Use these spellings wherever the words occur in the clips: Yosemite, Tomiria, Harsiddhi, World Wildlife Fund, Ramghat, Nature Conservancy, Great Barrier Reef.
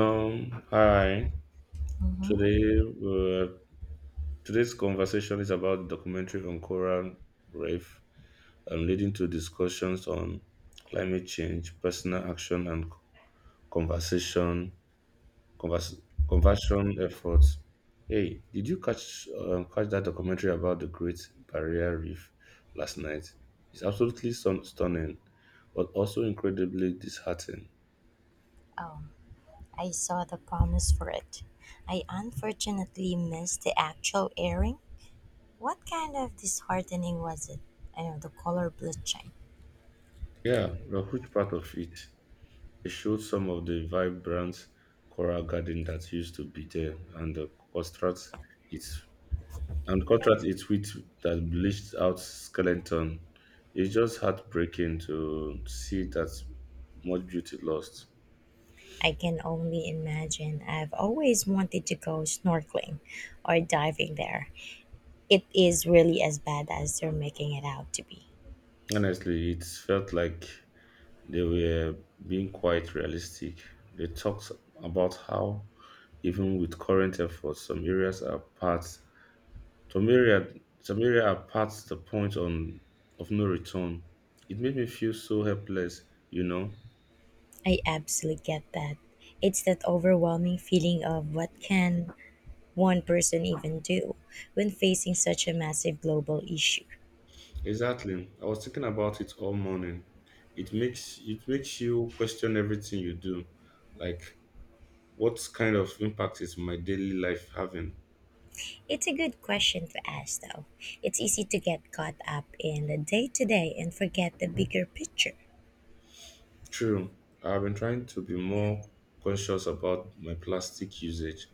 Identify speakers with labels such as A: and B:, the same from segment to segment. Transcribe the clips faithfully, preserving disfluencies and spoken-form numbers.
A: Um, hi. Today,
B: Hmm.
A: uh, Today's conversation is about documentary on coral reef, um, leading to discussions on climate change, personal action, and conversation convers- conversion efforts. Hey, did you catch um, catch that documentary about the Great Barrier Reef last night? It's absolutely stun- stunning, but also incredibly disheartening.
B: Oh, I saw the promise for it. I unfortunately missed the actual airing. What kind of disheartening was it? I know the color bleaching.
A: Yeah, we a huge part of it. They showed some of the vibrant coral garden that used to be there and the contrast it's and contrast it with that bleached out skeleton. It's just heartbreaking to see that much beauty lost.
B: I can only imagine. I've always wanted to go snorkeling or diving there. It is really as bad as they're making it out to be.
A: Honestly, it felt like they were being quite realistic. They talked about how even with current efforts, some areas are part Tomiria, Tomiria are past the point on of no return. It made me feel so helpless, you know.
B: I absolutely get that. It's that overwhelming feeling of what can one person even do when facing such a massive global issue.
A: Exactly. I was thinking about it all morning. It makes it makes you question everything you do. Like what kind of impact is my daily life having?
B: It's a good question to ask, though. It's easy to get caught up in the day to day and forget the bigger picture.
A: True. I've been trying to be more conscious about my plastic usage.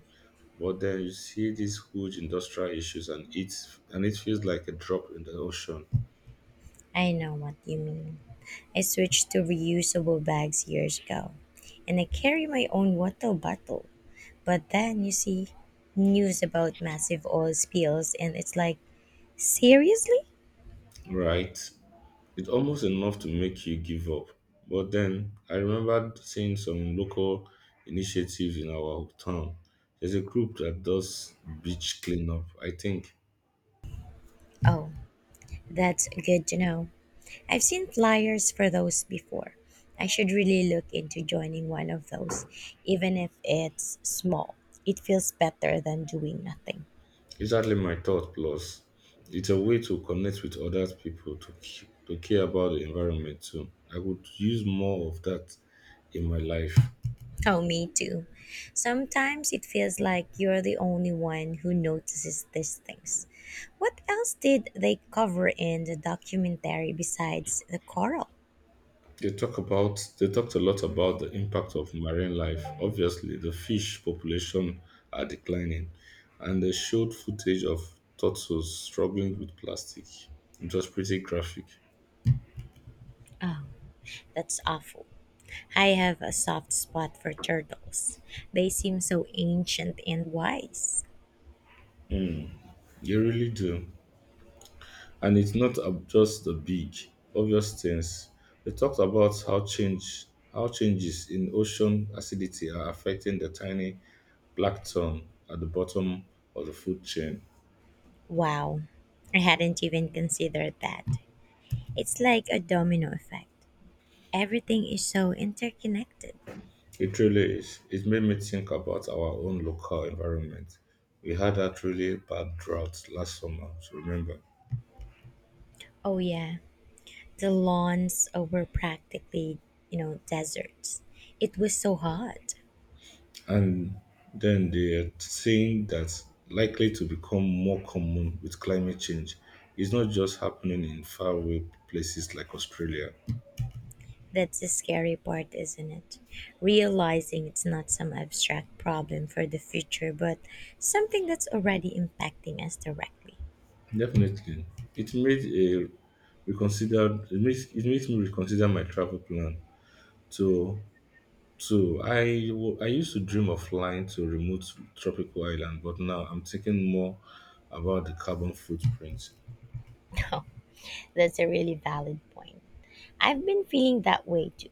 A: But then you see these huge industrial issues and it's and it feels like a drop in the ocean.
B: I know what you mean. I switched to reusable bags years ago, and I carry my own water bottle. But then you see news about massive oil spills, and it's like, seriously?
A: Right. It's almost enough to make you give up. But then I remembered seeing some local initiatives in our town. There's a group that does beach cleanup, I think.
B: Oh, that's good to know. I've seen flyers for those before. I should really look into joining one of those, even if it's small. It feels better than doing nothing.
A: Exactly my thought. Plus, it's a way to connect with other people to, c- to care about the environment too. I would use more of that in my life.
B: Oh, me too. Sometimes it feels like you're the only one who notices these things. What else did they cover in the documentary besides the coral?
A: They talk about they talked a lot about the impact of marine life. Obviously, the fish population are declining, and they showed footage of turtles struggling with plastic. It was pretty graphic.
B: Oh, that's awful. I have a soft spot for turtles. They seem so ancient and wise.
A: They really do, and it's not ab- just the big obvious things. They talked about how change how changes in ocean acidity are affecting the tiny plankton at the bottom of the food chain.
B: Wow, I hadn't even considered that. It's like a domino effect. Everything is so interconnected.
A: It really is. It made me think about our own local environment. We had that really bad drought last summer, to remember.
B: Oh yeah, the lawns uh, were practically, you know, deserts. It was so hot.
A: And then they are saying that's likely to become more common with climate change. It's not just happening in faraway places like Australia.
B: That's the scary part, isn't it? Realizing it's not some abstract problem for the future, but something that's already impacting us directly.
A: Definitely. It made a reconsider it makes it makes me reconsider my travel plan. So So I w- I used to dream of flying to remote tropical island, but now I'm thinking more about the carbon footprint.
B: No, that's a really valid point. I've been feeling that way too.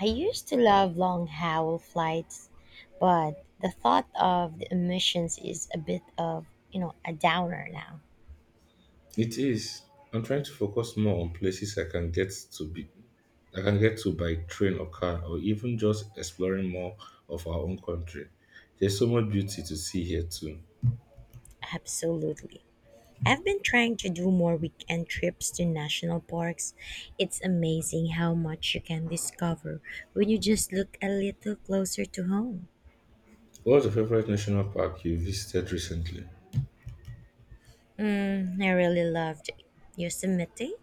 B: I used to love long hour flights, but the thought of the emissions is a bit of, you know, a downer now.
A: It is. I'm trying to focus more on places I can get to be I can get to by train or car or even just exploring more of our own country. There's so much beauty to see here too.
B: Absolutely. I've been trying to do more weekend trips to national parks. It's amazing how much you can discover when you just look a little closer to home.
A: What's your favorite national park you visited recently?
B: Mm, I really loved Yosemite.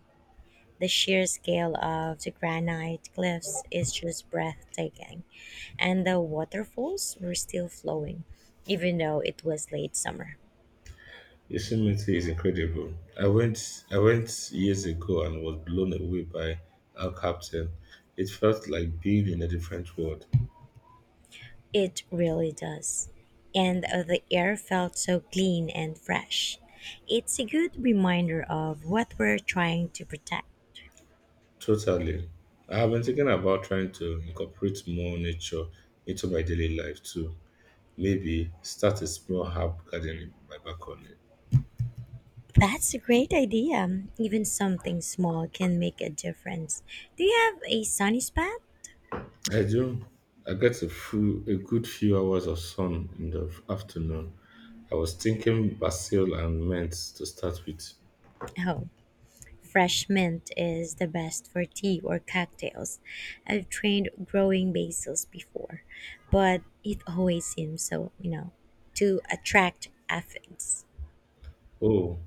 B: The sheer scale of the granite cliffs is just breathtaking, and the waterfalls were still flowing, even though it was late summer.
A: Yosemite is incredible. I went I went years ago and was blown away by our Captain. It felt like being in a different world.
B: It really does. And uh, the air felt so clean and fresh. It's a good reminder of what we're trying to protect.
A: Totally. I have been thinking about trying to incorporate more nature into my daily life too. Maybe start a small herb garden in my balcony.
B: That's a great idea. Even something small can make a difference. Do you have a sunny spot?
A: I do. I get a few, a good few hours of sun in the afternoon. I was thinking basil and mint to start with.
B: Oh, fresh mint is the best for tea or cocktails. I've trained growing basils before, but it always seems so, you know, to attract aphids.
A: Oh,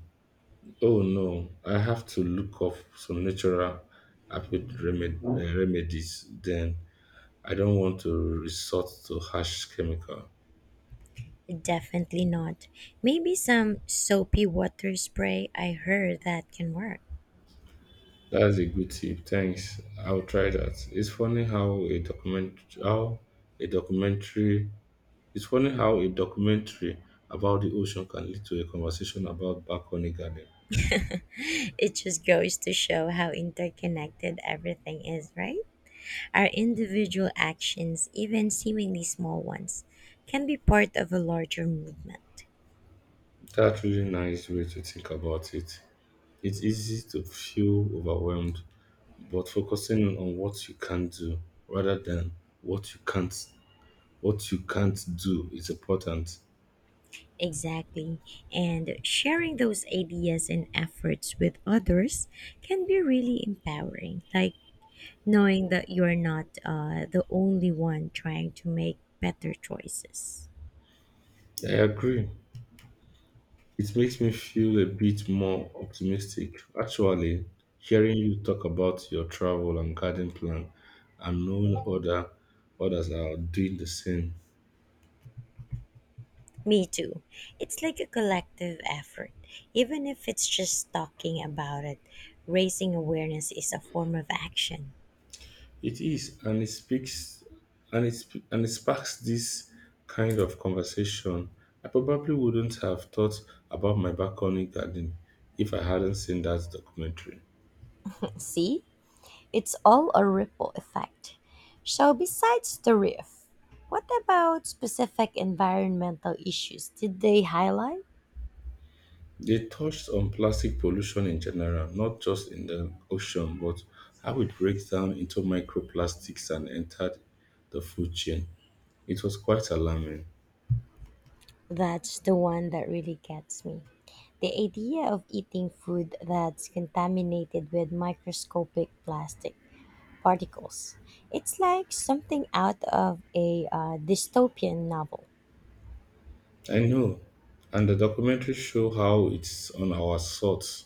A: Oh no, I have to look up some natural apple remed- uh, remedies then. I don't want to resort to harsh chemical.
B: Definitely not. Maybe some soapy water spray. I heard that can work.
A: That's a good tip. Thanks. I'll try that. It's funny how a document how a documentary it's funny how a documentary about the ocean can lead to a conversation about balcony garden.
B: It just goes to show how interconnected everything is, right? Our individual actions, even seemingly small ones, can be part of a larger movement.
A: That's really nice way to think about it. It's easy to feel overwhelmed but focusing on what you can do rather than what you can't what you can't do is important.
B: Exactly. And sharing those ideas and efforts with others can be really empowering. Like knowing that you're not uh, the only one trying to make better choices.
A: I agree. It makes me feel a bit more optimistic. Actually, hearing you talk about your travel and garden plan and knowing other others are doing the same.
B: Me too. It's like a collective effort. Even if it's just talking about it, raising awareness is a form of action.
A: It is, and it speaks, and it sp- and it sparks this kind of conversation. I probably wouldn't have thought about my balcony garden if I hadn't seen that documentary.
B: See? It's all a ripple effect. So, besides the reef, what about specific environmental issues did they highlight?
A: They touched on plastic pollution in general, not just in the ocean, but how it breaks down into microplastics and entered the food chain. It was quite alarming.
B: That's the one that really gets me. The idea of eating food that's contaminated with microscopic plastic particles. It's like something out of a uh, dystopian novel.
A: I know, and the documentary show how it's on our thoughts.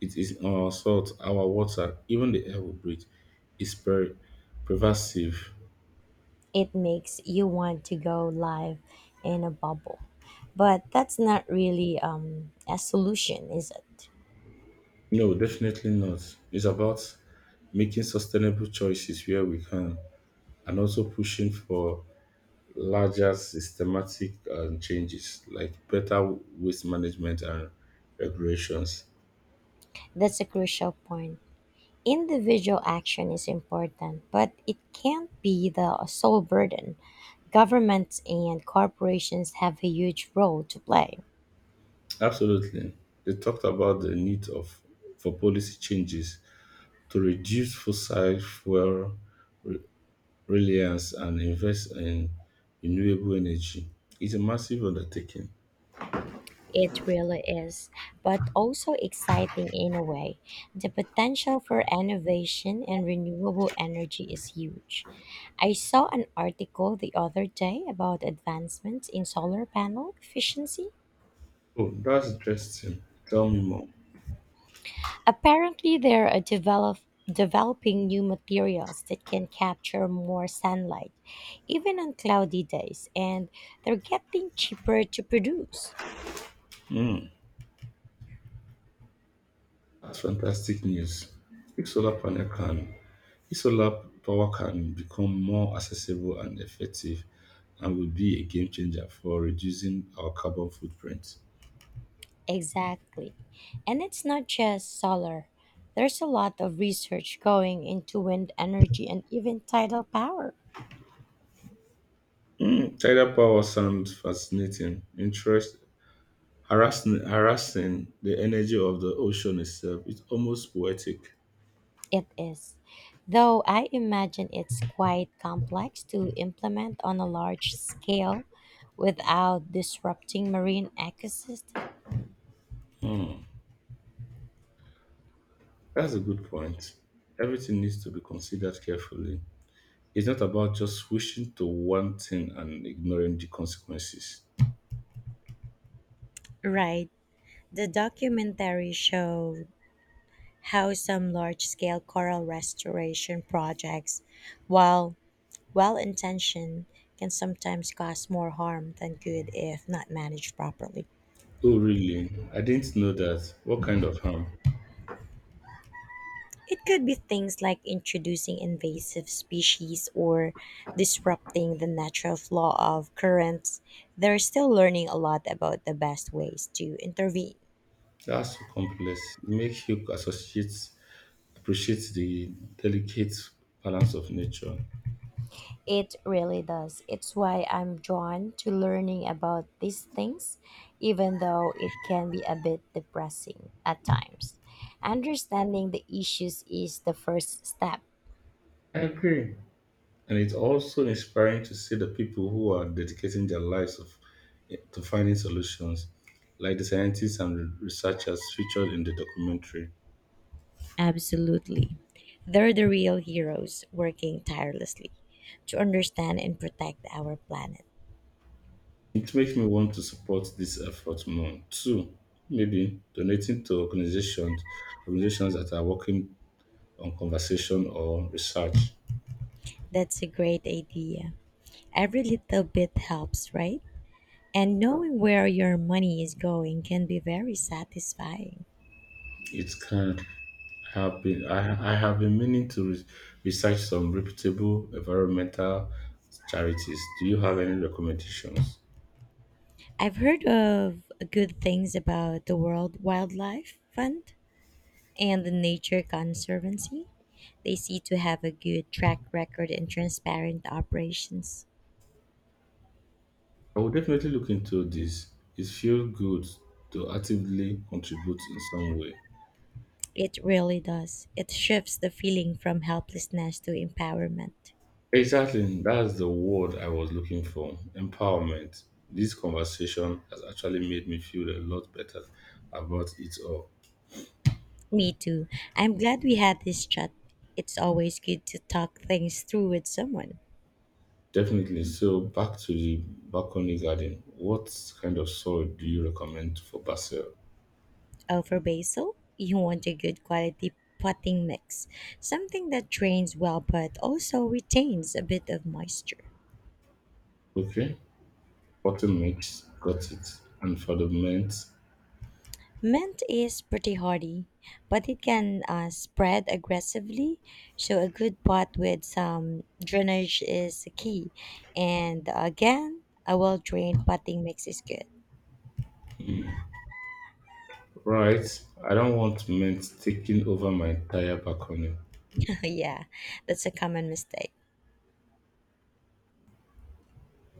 A: It is on our salt, our water, even the air we breathe is per- pervasive.
B: It makes you want to go live in a bubble. But that's not really um, a solution, is it?
A: No, definitely not. It's about making sustainable choices where we can and also pushing for larger systematic um, changes like better waste management and regulations.
B: That's a crucial point. Individual action is important, but it can't be the sole burden. Governments and corporations have a huge role to play.
A: Absolutely. They talked about the need of for policy changes to reduce fossil fuel reliance and invest in renewable energy. It's a massive undertaking.
B: It really is, but also exciting in a way. The potential for innovation and renewable energy is huge. I saw an article the other day about advancements in solar panel efficiency.
A: Oh, that's interesting. Tell me more.
B: Apparently, they're uh, develop, developing new materials that can capture more sunlight, even on cloudy days, and they're getting cheaper to produce.
A: Hmm, that's fantastic news. If solar panel can, if solar power can become more accessible and effective, and will be a game changer for reducing our carbon footprint.
B: Exactly. And it's not just solar. There's a lot of research going into wind energy and even tidal power.
A: Mm, tidal power sounds fascinating. Interest harassing, harassing the energy of the ocean itself. It's almost poetic.
B: It is. Though I imagine it's quite complex to implement on a large scale without disrupting marine ecosystems.
A: Hmm. That's a good point. Everything needs to be considered carefully. It's not about just wishing to one thing and ignoring the consequences.
B: Right. The documentary showed how some large scale coral restoration projects, while well intentioned, can sometimes cause more harm than good if not managed properly.
A: Oh, really? I didn't know that. What kind of harm?
B: It could be things like introducing invasive species or disrupting the natural flow of currents. They're still learning a lot about the best ways to intervene.
A: That's so complex. It makes you associate, appreciate the delicate balance of nature.
B: It really does. It's why I'm drawn to learning about these things, even though it can be a bit depressing at times. Understanding the issues is the first step.
A: I agree. And it's also inspiring to see the people who are dedicating their lives of, to finding solutions, like the scientists and researchers featured in the documentary.
B: Absolutely. They're the real heroes working tirelessly to understand and protect our planet.
A: It makes me want to support this effort more. Two, maybe donating to organizations organizations that are working on conversation or research.
B: That's a great idea. Every little bit helps, right? And knowing where your money is going can be very satisfying.
A: It can. Have been I, I have been meaning to re- research some reputable environmental charities. Do you have any recommendations?
B: I've heard of good things about the World Wildlife Fund and the Nature Conservancy. They seem to have a good track record and transparent operations.
A: I will definitely look into this. It feels good to actively contribute in some way.
B: It really does. It shifts the feeling from helplessness to empowerment.
A: Exactly. That's the word I was looking for. Empowerment. This conversation has actually made me feel a lot better about it all.
B: Me too. I'm glad we had this chat. It's always good to talk things through with someone.
A: Definitely. So back to the balcony garden. What kind of soil do you recommend for basil?
B: Oh, for basil, you want a good quality potting mix, something that drains well but also retains a bit of moisture.
A: Okay. Potter mix, got it. And for the mint,
B: Mint is pretty hardy, but it can uh, spread aggressively, so a good pot with some drainage is key. And again, a well drained potting mix is good.
A: right. I don't want mint taking over my entire balcony.
B: Yeah, that's a common mistake.